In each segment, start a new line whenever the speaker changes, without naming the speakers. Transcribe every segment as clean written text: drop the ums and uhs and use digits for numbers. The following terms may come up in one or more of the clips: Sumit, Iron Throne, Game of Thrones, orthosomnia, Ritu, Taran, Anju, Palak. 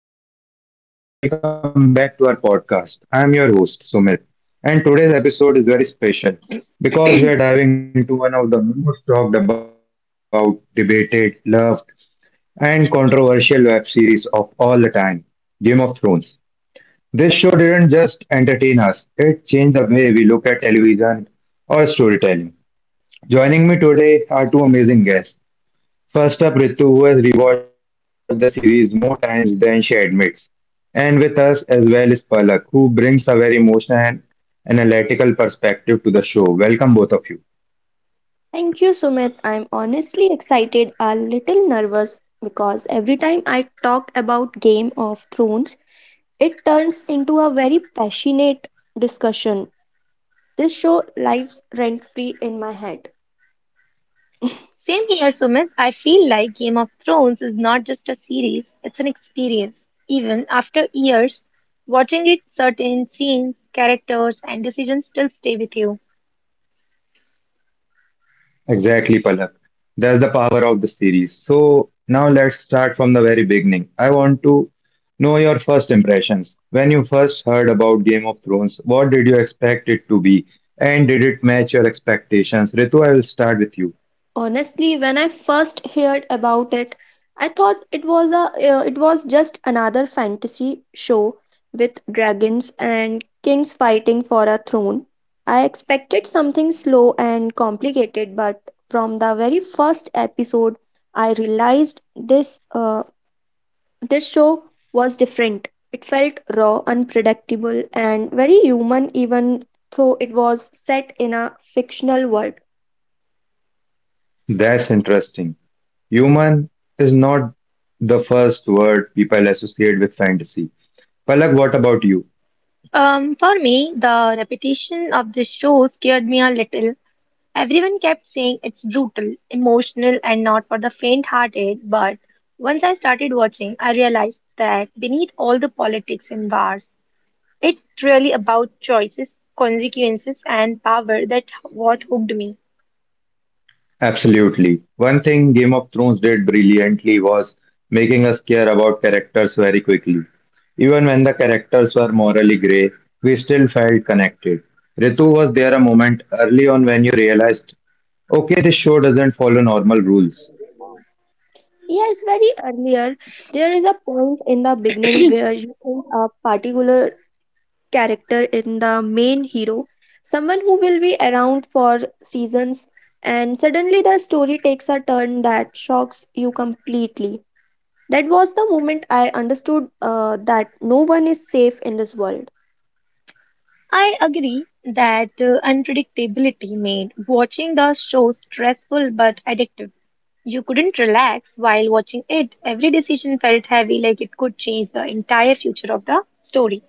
everyone, and welcome back to our podcast. I am your host, Sumit, and today's episode is very special because we are diving into one of the most talked about, debated, loved, and controversial web series of all the time, Game of Thrones. This show didn't just entertain us, it changed the way we look at television or storytelling. Joining me today are two amazing guests. First up, Ritu, who has rewatched the series more times than she admits. And with us as well is Palak, who brings a very emotional and analytical perspective to the show. Welcome, both of you.
Thank you, Sumit. I'm honestly excited, a little nervous because every time I talk about Game of Thrones, it turns into a very passionate discussion. This show lives rent free in my head.
Same here, Sumit. I feel like Game of Thrones is not just a series, it's an experience. Even after years, watching it, certain scenes, characters, and decisions still stay with you.
Exactly, Palak. That's the power of the series. So, now let's start from the very beginning. I want to know your first impressions. When you first heard about Game of Thrones, what did you expect it to be? And did it match your expectations? Ritu, I will start with you.
Honestly, when I first heard about it, I thought it was a it was just another fantasy show with dragons and kings fighting for a throne. I expected something slow and complicated, but from the very first episode, I realized this show was different. It felt raw, unpredictable, and very human, even though it was set in a fictional world.
That's interesting. Human is not the first word people associate with fantasy. Palak, what about you?
For me, the repetition of the show scared me a little. Everyone kept saying it's brutal, emotional, and not for the faint-hearted, but once I started watching, I realized that beneath all the politics and wars, it's really about choices, consequences, and power that what hooked me.
Absolutely. One thing Game of Thrones did brilliantly was making us care about characters very quickly. Even when the characters were morally grey, we still felt connected. Ritu, was there a moment early on when you realized, okay, this show doesn't follow normal rules?
Yes, very earlier. There is a point in the beginning where you think a particular character in the main hero, someone who will be around for seasons, and suddenly the story takes a turn that shocks you completely. That was the moment I understood that no one is safe in this world.
I agree that unpredictability made watching the show stressful but addictive. You couldn't relax while watching it. Every decision felt heavy, like it could change the entire future of the story.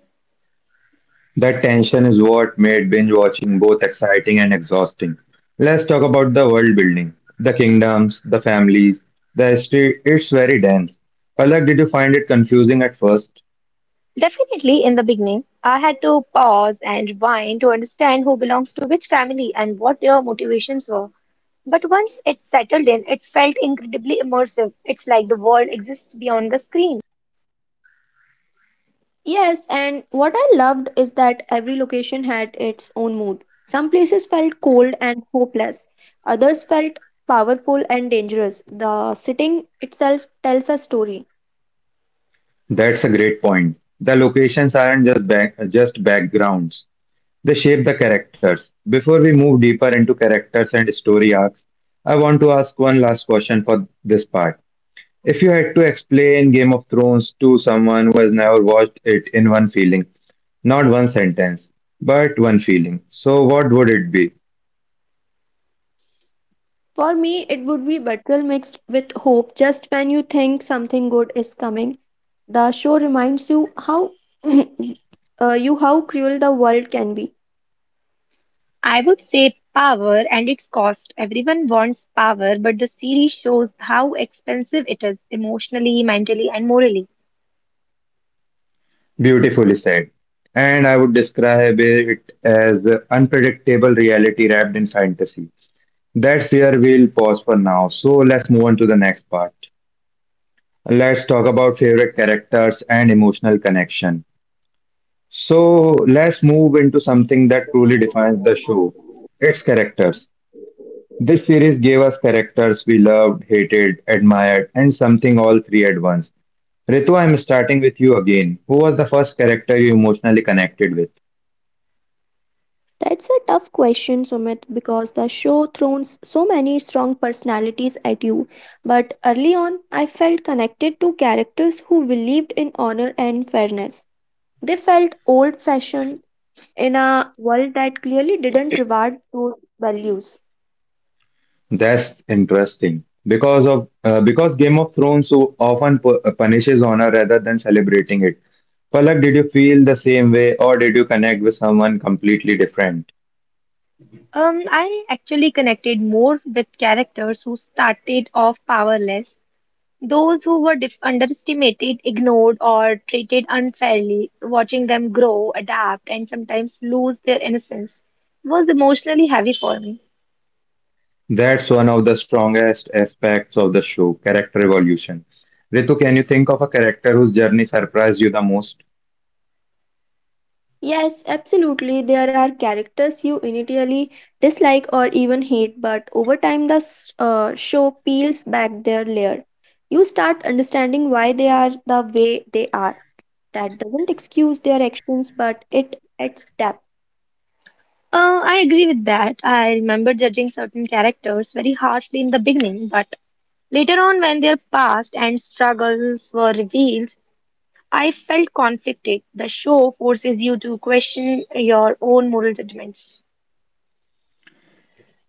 That tension is what made binge watching both exciting and exhausting. Let's talk about the world building, the kingdoms, the families, the history. It's very dense. Palak, did you find it confusing at first?
Definitely, in the beginning, I had to pause and rewind to understand who belongs to which family and what their motivations were. But once it settled in, it felt incredibly immersive. It's like the world exists beyond the screen.
Yes, and what I loved is that every location had its own mood. Some places felt cold and hopeless, others felt powerful and dangerous. The setting itself tells a story.
That's a great point. The locations aren't just back, just backgrounds. They shape the characters. Before we move deeper into characters and story arcs, I want to ask one last question for this part. If you had to explain Game of Thrones to someone who has never watched it in one feeling, not one sentence, but one feeling. So, what would it be?
For me, it would be betrayal mixed with hope just when you think something good is coming. The show reminds you how you how cruel the world can be.
I would say power and its cost. Everyone wants power, but the series shows how expensive it is emotionally, mentally, and morally.
Beautifully said. And I would describe it as unpredictable reality wrapped in fantasy. That's where we'll pause for now. So, let's move on to the next part. Let's talk about favorite characters and emotional connection. So, let's move into something that truly defines the show, its characters. This series gave us characters we loved, hated, admired, and something all three at once. Ritu, I'm starting with you again. Who was the first character you emotionally connected with?
That's a tough question, Sumit, because the show throws so many strong personalities at you. But early on, I felt connected to characters who believed in honor and fairness. They felt old fashioned in a world that clearly didn't reward those values.
That's interesting. Because Game of Thrones so often punishes honor rather than celebrating it. Palak, did you feel the same way, or did you connect with someone completely different?
I actually connected more with characters who started off powerless, those who were underestimated, ignored, or treated unfairly. Watching them grow, adapt, and sometimes lose their innocence was emotionally heavy for me.
That's one of the strongest aspects of the show, character evolution. Ritu, can you think of a character whose journey surprised you the most?
Yes, absolutely, there are characters you initially dislike or even hate, but over time, the show peels back their layer. You start understanding why they are the way they are. That doesn't excuse their actions, but it adds depth.
I agree with that. I remember judging certain characters very harshly in the beginning, but later on, when their past and struggles were revealed, I felt conflicted. The show forces you to question your own moral judgments.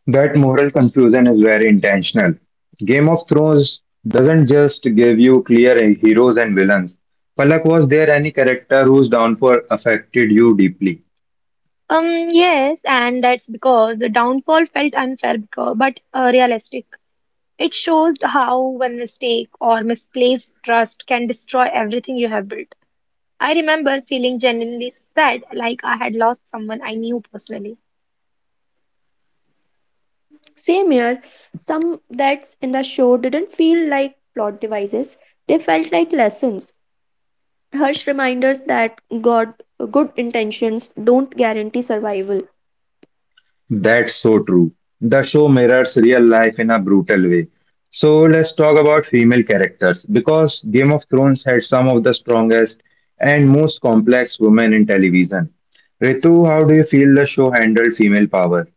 That moral confusion is very intentional. Game of Thrones doesn't just give you clear heroes and villains. Palak, was there any character whose downfall affected you deeply?
Yes, and that's because the downfall felt unfair but realistic. It shows how one mistake or misplaced trust can destroy everything you have built. I remember feeling genuinely sad, like I had lost someone I knew personally.
Same here, some that's in the show didn't feel like plot devices, they felt like lessons. Harsh reminders that God, good intentions don't guarantee survival.
That's so true. The show mirrors real life in a brutal way. So let's talk about female characters because Game of Thrones had some of the strongest and most complex women in television. Ritu, how do you feel the show handled female power?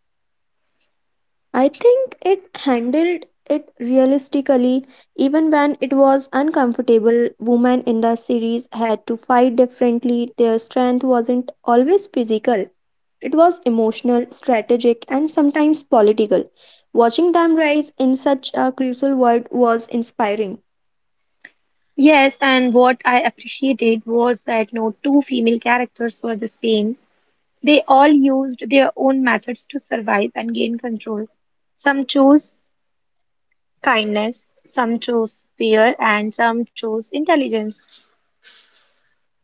I think it handled it realistically, even when it was uncomfortable. Women in the series had to fight differently, their strength wasn't always physical. It was emotional, strategic, and sometimes political. Watching them rise in such a crucial world was inspiring.
Yes, and what I appreciated was that no two female characters were the same. They all used their own methods to survive and gain control. Some chose kindness, some chose fear, and some chose intelligence.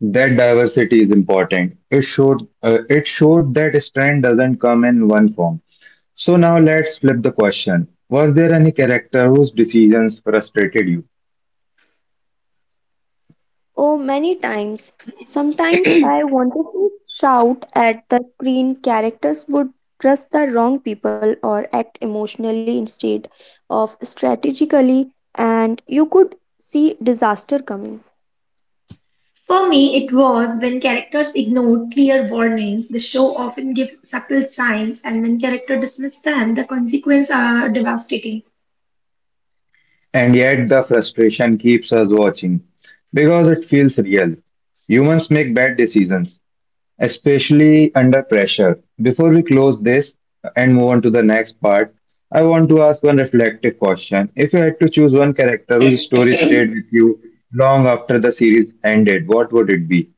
That diversity is important. It showed that strength doesn't come in one form. So now let's flip the question. Was there any character whose decisions frustrated you?
Oh, many times. Sometimes I wanted to shout at the screen. Characters would trust the wrong people or act emotionally instead of strategically, and you could see disaster coming.
For me, it was when characters ignored clear warnings. The show often gives subtle signs, and when characters dismiss them, the consequences are devastating.
And yet the frustration keeps us watching because it feels real. Humans make bad decisions, especially under pressure. Before we close this and move on to the next part, I want to ask one reflective question. If you had to choose one character whose story stayed with you long after the series ended, what would it be?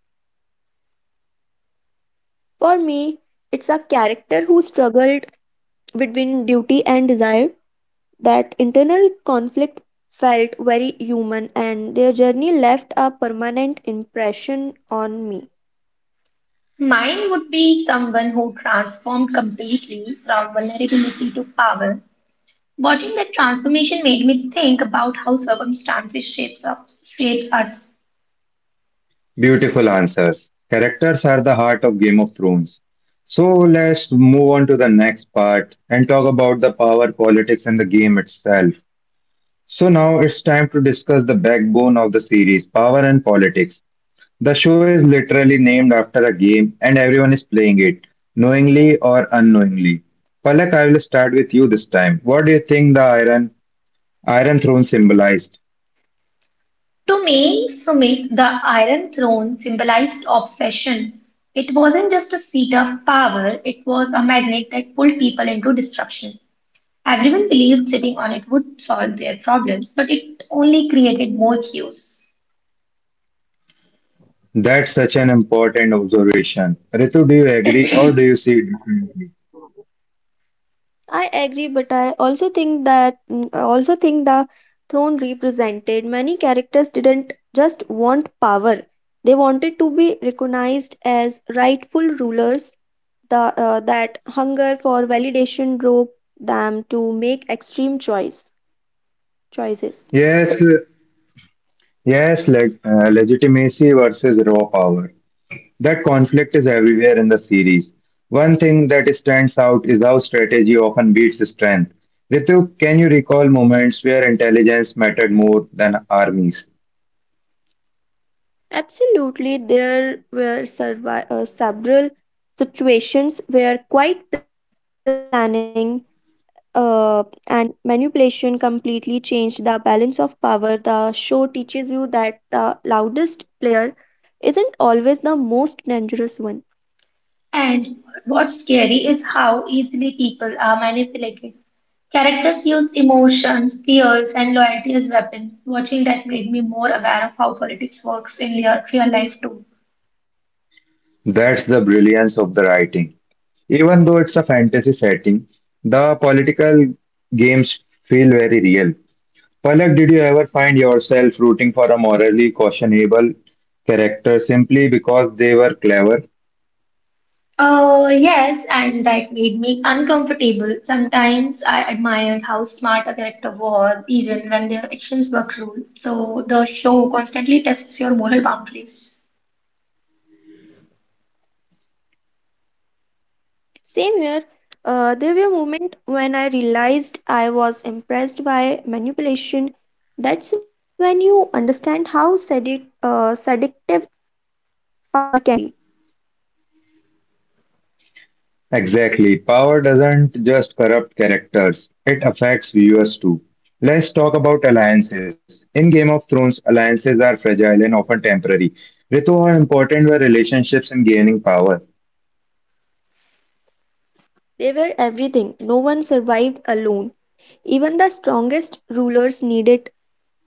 For me, it's a character who struggled between duty and desire. That internal conflict felt very human and their journey left a permanent impression on me.
Mine would be someone who transformed completely from vulnerability to power. Watching that transformation made me think about how circumstances shapes us.
Beautiful answers. Characters are the heart of Game of Thrones. So let's move on to the next part and talk about the power, politics, and the game itself. So now it's time to discuss the backbone of the series, power and politics. The show is literally named after a game and everyone is playing it, knowingly or unknowingly. Palak, I will start with you this time. What do you think the Iron Throne symbolized?
To me, Sumit, the Iron Throne symbolized obsession. It wasn't just a seat of power, it was a magnet that pulled people into destruction. Everyone believed sitting on it would solve their problems, but it only created more chaos.
That's such an important observation. Ritu, do you agree or do you see it differently?
I agree, but I also think the throne represented many characters didn't just want power. They wanted to be recognized as rightful rulers. That hunger for validation drove them to make extreme choices.
Yes, legitimacy versus raw power. That conflict is everywhere in the series. One thing that stands out is how strategy often beats strength. Ritu, can you recall moments where intelligence mattered more than armies?
Absolutely, there were several situations where quiet planning uh, and manipulation completely changed the balance of power. The show teaches you that the loudest player isn't always the most dangerous one.
And what's scary is how easily people are manipulated. Characters use emotions, fears, and loyalty as weapons. Watching that made me more aware of how politics works in real life too.
That's the brilliance of the writing. Even though it's a fantasy setting, the political games feel very real. Palak, did you ever find yourself rooting for a morally questionable character simply because they were clever?
Oh, yes, and that made me uncomfortable. Sometimes I admired how smart a character was, even when their actions were cruel. So the show constantly tests your moral boundaries.
Same here, there were moments when I realized I was impressed by manipulation. That's when you understand how seductive power can be.
Exactly. Power doesn't just corrupt characters, it affects viewers too. Let's talk about alliances. In Game of Thrones, alliances are fragile and often temporary. Ritu, how important were relationships in gaining power?
They were everything. No one survived alone. Even the strongest rulers needed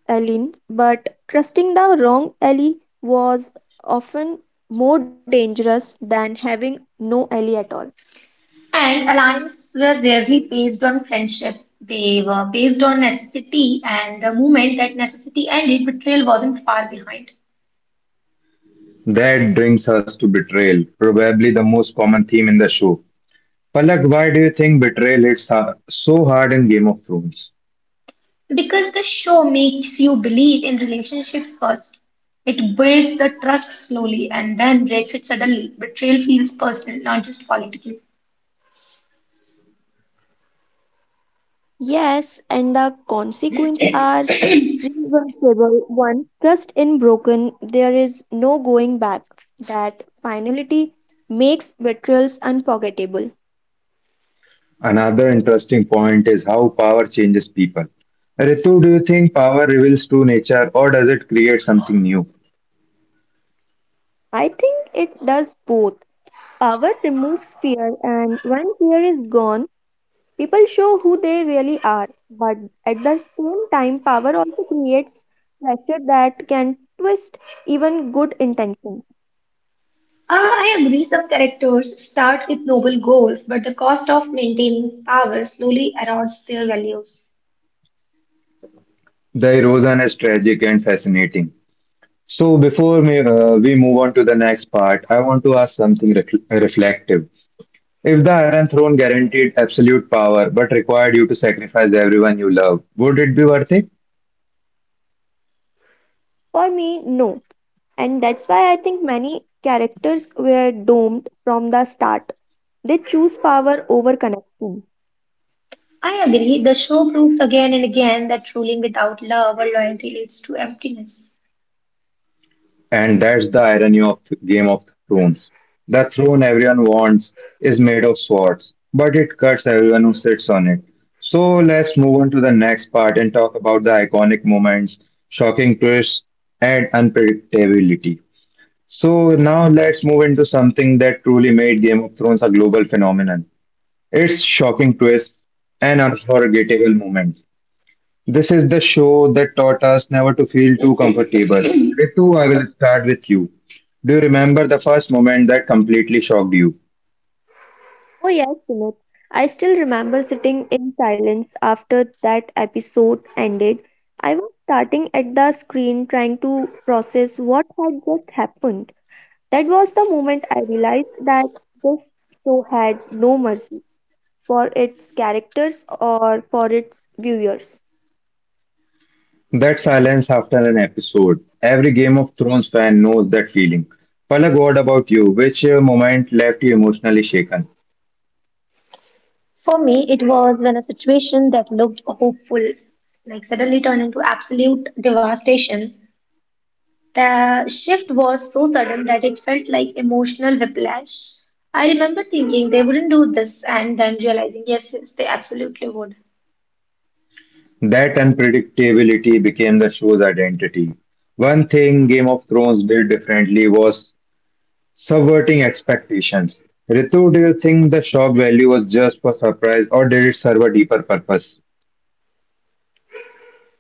allies, but trusting the wrong ally was often more dangerous than having no ally at all.
And alliances were rarely based on friendship. They were based on necessity, and the moment that necessity ended, betrayal wasn't far behind.
That brings us to betrayal, probably the most common theme in the show. Palak, why do you think betrayal so hard in Game of Thrones?
Because the show makes you believe in relationships first. It builds the trust slowly and then breaks it suddenly. Betrayal feels personal, not just political.
Yes, and the consequences are reversible. Once trust in broken, there is no going back. That finality makes betrayals unforgettable.
Another interesting point is how power changes people. Ritu, do you think power reveals true nature or does it create something new?
I think it does both. Power removes fear, and when fear is gone, people show who they really are. But at the same time, power also creates pressure that can twist even good intentions.
Ah, I agree, some characters start with noble goals, but the cost of maintaining power slowly erodes their values.
The erosion is tragic and fascinating. So, before we move on to the next part, I want to ask something reflective. If the Iron Throne guaranteed absolute power but required you to sacrifice everyone you love, would it be worth it?
For me, no. And that's why I think many characters were doomed from the start. They choose power over connection.
I agree. The show proves again and again that ruling without love or loyalty leads to emptiness.
And that's the irony of Game of Thrones. The throne everyone wants is made of swords, but it cuts everyone who sits on it. So, let's move on to the next part and talk about the iconic moments, shocking twists, and unpredictability. So now let's move into something that truly made Game of Thrones a global phenomenon. Its shocking twists and unforgettable moments. This is the show that taught us never to feel too comfortable. Ritu, I will start with you. Do you remember the first moment that completely shocked you?
Oh, yes, Sumit. I still remember sitting in silence after that episode ended. I was starting at the screen trying to process what had just happened. That was the moment I realized that this show had no mercy for its characters or for its viewers.
That silence after an episode. Every Game of Thrones fan knows that feeling. Palak, what about you? Which moment left you emotionally shaken?
For me, it was when a situation that looked hopeful, like suddenly turned into absolute devastation. The shift was so sudden that it felt like emotional whiplash. I remember thinking they wouldn't do this and then realizing, yes, yes, they absolutely would.
That unpredictability became the show's identity. One thing Game of Thrones did differently was subverting expectations. Ritu, do you think the shock value was just for surprise or did it serve a deeper purpose?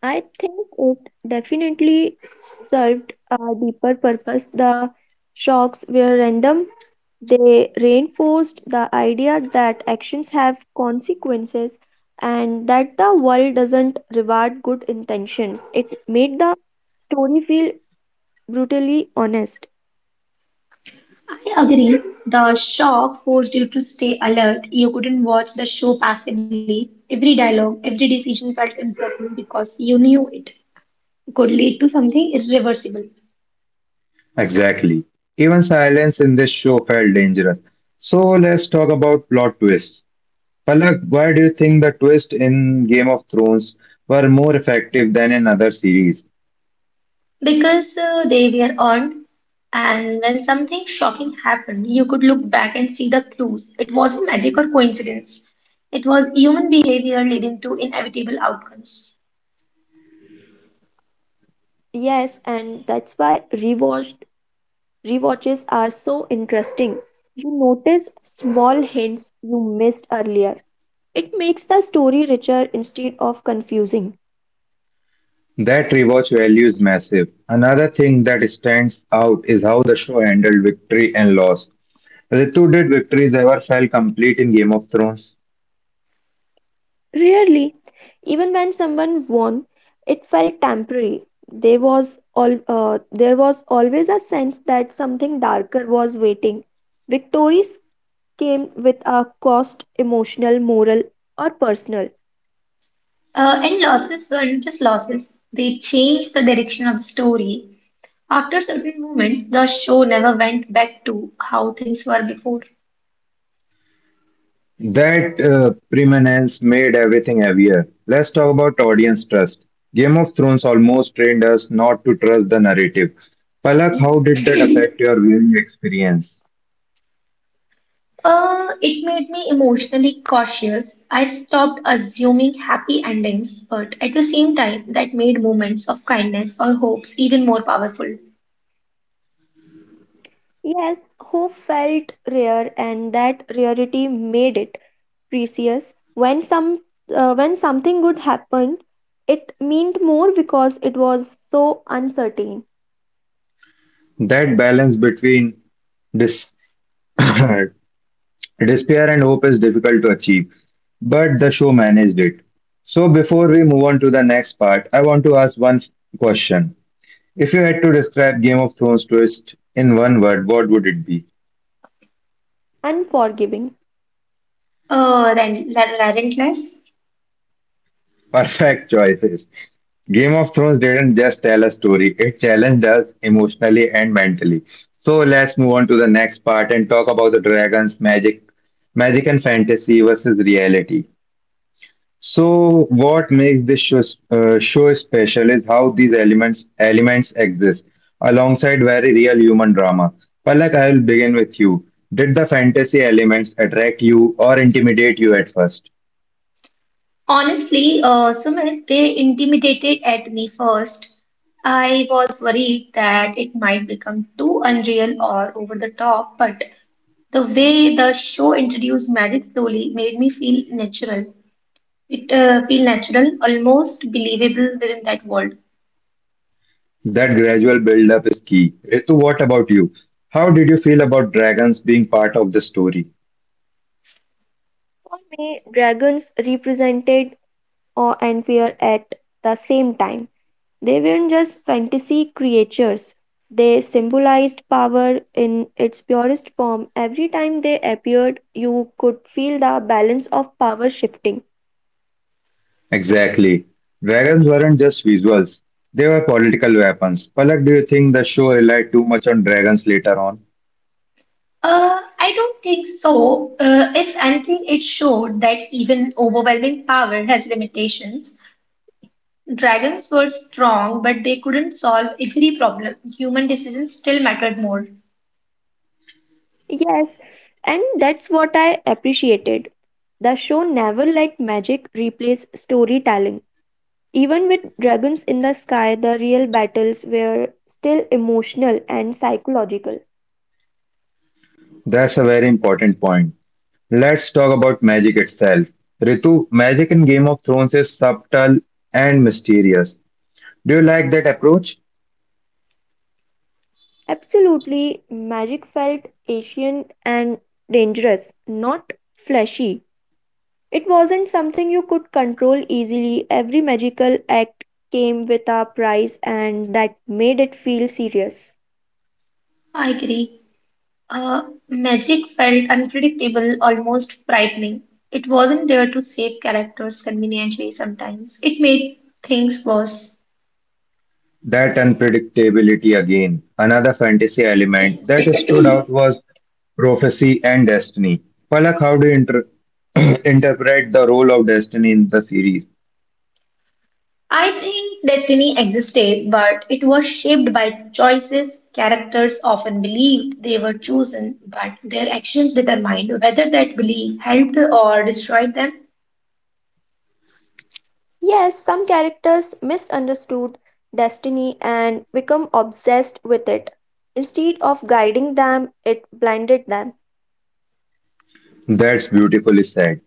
I think it definitely served a deeper purpose. The shocks were random. They reinforced the idea that actions have consequences and that the world doesn't reward good intentions. It made the story feel brutally honest.
I agree. The shock forced you to stay alert. You couldn't watch the show passively. Every dialogue, every decision felt important because you knew it could lead to something irreversible.
Exactly. Even silence in this show felt dangerous. So let's talk about plot twists. Palak, why do you think the twists in Game of Thrones were more effective than in other series?
Because they were earned. And when something shocking happened, you could look back and see the clues. It wasn't magic or coincidence. It was human behavior leading to inevitable outcomes.
Yes, and that's why rewatched rewatches are so interesting. You notice small hints you missed earlier. It makes the story richer instead of confusing.
That rewatch value is massive. Another thing that stands out is how the show handled victory and loss. Ritu, did victories ever felt complete in Game of Thrones?
Really, even when someone won, it felt temporary. There was always a sense that something darker was waiting. Victories came with a cost, emotional, moral, or personal.
And losses weren't just losses, they changed the direction of the story. After certain moments, the show never went back to how things were before.
That preeminence made everything heavier. Let's talk about audience trust. Game of Thrones almost trained us not to trust the narrative. Palak, how did that affect your viewing experience?
It made me emotionally cautious. I stopped assuming happy endings, but at the same time, that made moments of kindness or hopes even more powerful
Yes, who felt rare, and that rarity made it precious. When some when something good happened, it meant more because it was so uncertain,
That balance between dis- despair and hope is difficult to achieve, but the show managed it. So, before we move on to the next part, I want to ask one question. If you had to describe Game of Thrones twist in one word, what would it be?
unforgiving.
than relentless.
Perfect choices. Game of Thrones didn't just tell a story, it challenged us emotionally and mentally. So let's move on to the next part and talk about the dragons, magic and fantasy versus reality. So, what makes this show special is how these elements exist alongside very real human drama. Palak, I will begin with you. Did the fantasy elements attract you or intimidate you at first?
Honestly, Sumit, they intimidated at me first. I was worried that it might become too unreal or over the top, but the way the show introduced magic slowly made me feel natural. It feel natural, almost believable within that world.
That gradual build-up is key. Ritu, what about you? How did you feel about dragons being part of the story?
For me, dragons represented awe and fear at the same time. They weren't just fantasy creatures, they symbolized power in its purest form. Every time they appeared, you could feel the balance of power shifting.
Exactly. Dragons weren't just visuals; they were political weapons. Palak, do you think the show relied too much on dragons later on?
I don't think so. If anything, it showed that even overwhelming power has limitations. Dragons were strong, but they couldn't solve every problem. Human decisions still mattered more.
Yes, and that's what I appreciated. The show never let magic replace storytelling. Even with dragons in the sky, the real battles were still emotional and psychological.
That's a very important point. Let's talk about magic itself. Ritu, magic in Game of Thrones is subtle and mysterious. Do you like that approach?
Absolutely, magic felt Asian and dangerous, not flashy. It wasn't something you could control easily. Every magical act came with a price, and that made it feel serious.
I agree. Uh, Magic felt unpredictable, almost frightening. It wasn't there to save characters conveniently sometimes. It made things worse.
That unpredictability again. Another fantasy element that stood out was prophecy and destiny. Palak, how do you interpret the role of destiny in the series?
I think destiny existed, but it was shaped by choices. Characters often believed they were chosen, but their actions determined whether that belief helped or destroyed them.
Yes, some characters misunderstood destiny and become obsessed with it. Instead of guiding them, it blinded them.
That's beautifully said.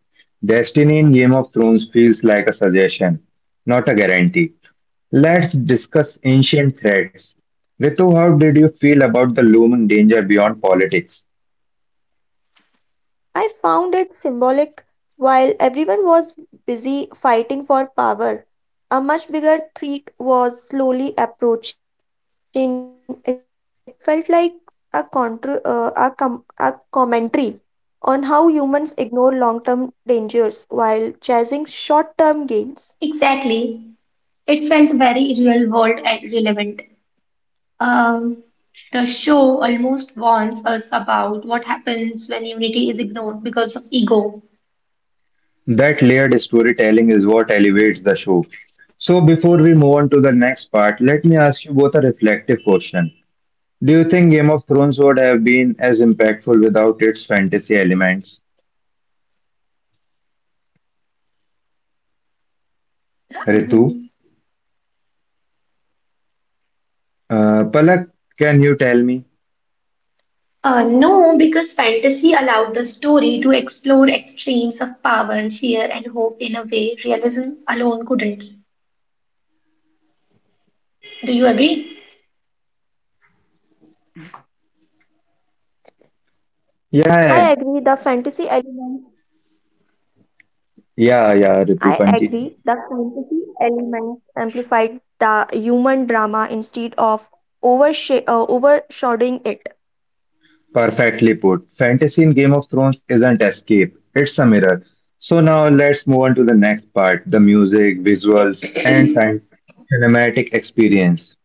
Destiny in Game of Thrones feels like a suggestion, not a guarantee. Let's discuss ancient threats. Ritu, how did you feel about the looming danger beyond politics?
I found it symbolic. While everyone was busy fighting for power, a much bigger threat was slowly approaching. It felt like a commentary on how humans ignore long term dangers while chasing short term gains.
Exactly. It felt very real world and relevant. Um, the show almost warns us about what happens when unity is ignored because of ego.
That layered storytelling is what elevates the show. So, before we move on to the next part, let me ask you both a reflective question. Do you think Game of Thrones would have been as impactful without its fantasy elements? Ritu?
Um,
Palak, can you tell me?
No, because fantasy allowed the story to explore extremes of power, fear, and hope in a way realism alone couldn't. Do you agree?
Yeah,
I agree the fantasy element.
yeah, Ritu,
I
continue.
agree the fantasy elements amplified the human drama instead of overshadowing it.
Perfectly put. Fantasy in Game of Thrones isn't escape, it's a mirror. So now let's move on to the next part, the music, visuals, and cinematic experience.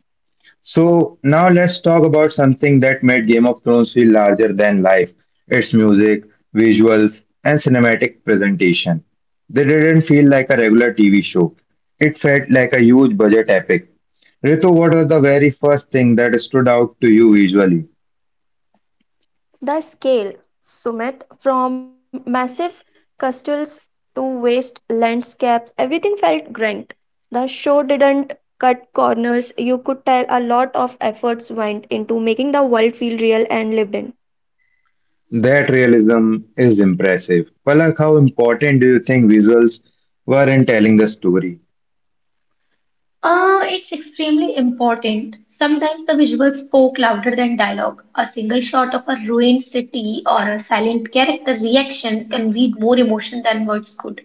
So now let's talk about something that made Game of Thrones feel larger than life, its music, visuals, and cinematic presentation. They didn't feel like a regular TV show, it felt like a huge budget epic. Ritu, what was the very first thing that stood out to you visually?
The scale, Sumit, from massive castles to vast landscapes, everything felt grand. The show didn't cut corners. You could tell a lot of efforts went into making the world feel real and lived in.
That realism is impressive. Palak, how important do you think visuals were in telling the story?
It's extremely important. Sometimes the visuals spoke louder than dialogue. A single shot of a ruined city or a silent character reaction conveyed more emotion than words could.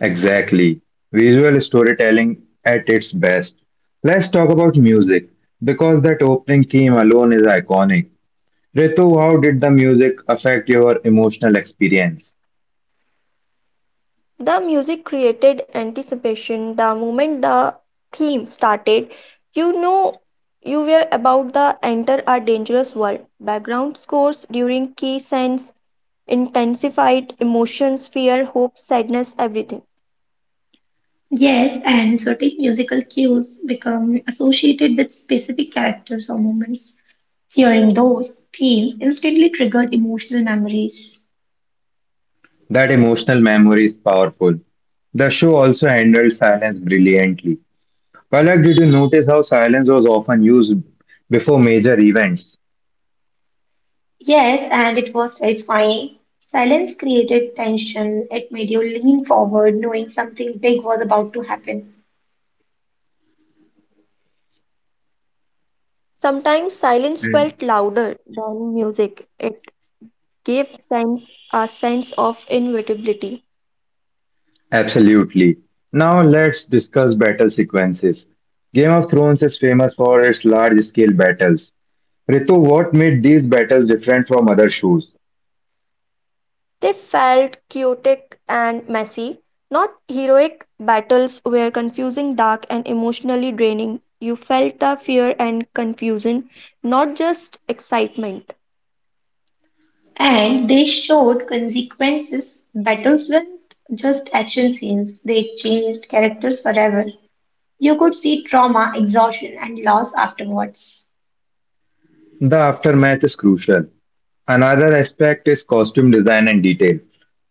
Exactly. Visual storytelling at its best. Let's talk about music because that opening theme alone is iconic. Ritu, how did the music affect your emotional experience?
The music created anticipation. The moment the theme started, you know you were about to enter a dangerous world. Background scores during key scenes intensified emotions, fear, hope, sadness, everything.
Yes, and certain musical cues become associated with specific characters or moments. Hearing those themes instantly triggered emotional memories.
That emotional memory is powerful. The show also handled silence brilliantly. Palak, did you notice how silence was often used before major events?
Yes, and it was terrifying. Silence created tension. It made you lean forward, knowing something big was about to happen.
Sometimes silence felt louder than music. It gave sense a sense of inevitability.
Absolutely. Now let's discuss battle sequences. Game of Thrones is famous for its large scale battles. Ritu, what made these battles different from other shows?
They felt chaotic and messy, not heroic battles were confusing, dark, and emotionally draining. You felt the fear and confusion, not just excitement.
And they showed consequences. Battles weren't just action scenes, they changed characters forever. You could see trauma, exhaustion, and loss afterwards.
The aftermath is crucial. Another aspect is costume design and detail.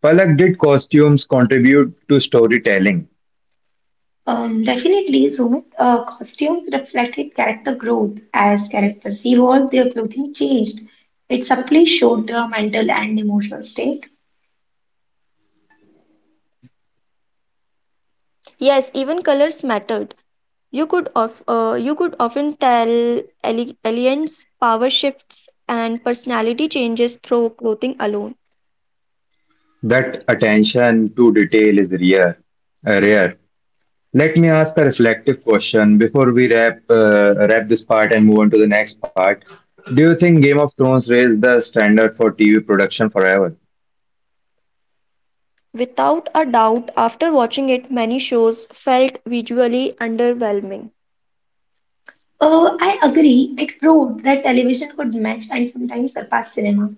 Palak, did costumes contribute to storytelling?
Definitely, Sumit, costumes reflected character growth. As characters evolved, their clothing changed. It subtly showed their mental and emotional state.
Yes, even colors mattered. You could often tell aliens power shifts and personality changes through clothing alone.
That attention to detail is rare. Let me ask a reflective question before we wrap this part and move on to the next part. Do you think Game of Thrones raised the standard for TV production forever?
Without a doubt, after watching it, many shows felt visually underwhelming.
I agree, it proved that television could match and sometimes surpass cinema.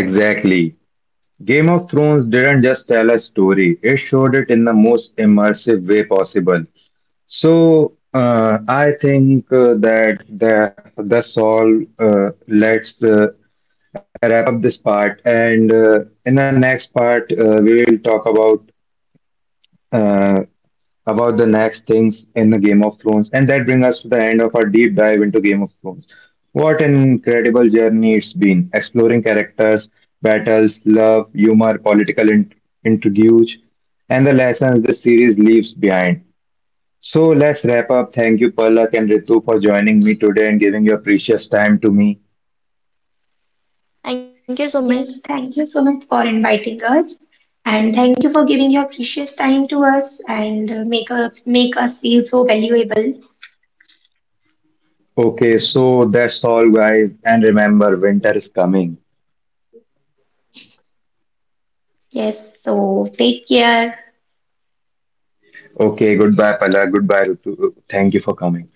Exactly. Game of Thrones didn't just tell a story, it showed it in the most immersive way possible. So, I think that's all. Let's wrap up this part, and in the next part, we will talk about. Uh, about the next things in the Game of Thrones. And that brings us to the end of our deep dive into Game of Thrones. What an incredible journey it's been, exploring characters, battles, love, humor, political intrigues, and the lessons this series leaves behind. So let's wrap up. Thank you, Palak and Ritu, for joining me today and giving your precious time to me.
Thank you, Sumit.
Yes, thank you so much for inviting us, and thank you for giving your precious time to us and make us feel so valuable.
Okay, so that's all, guys. And remember, winter is coming.
Yes, so take care.
Okay, goodbye, Palak. Goodbye, Ritu. Thank you for
Bye.
coming.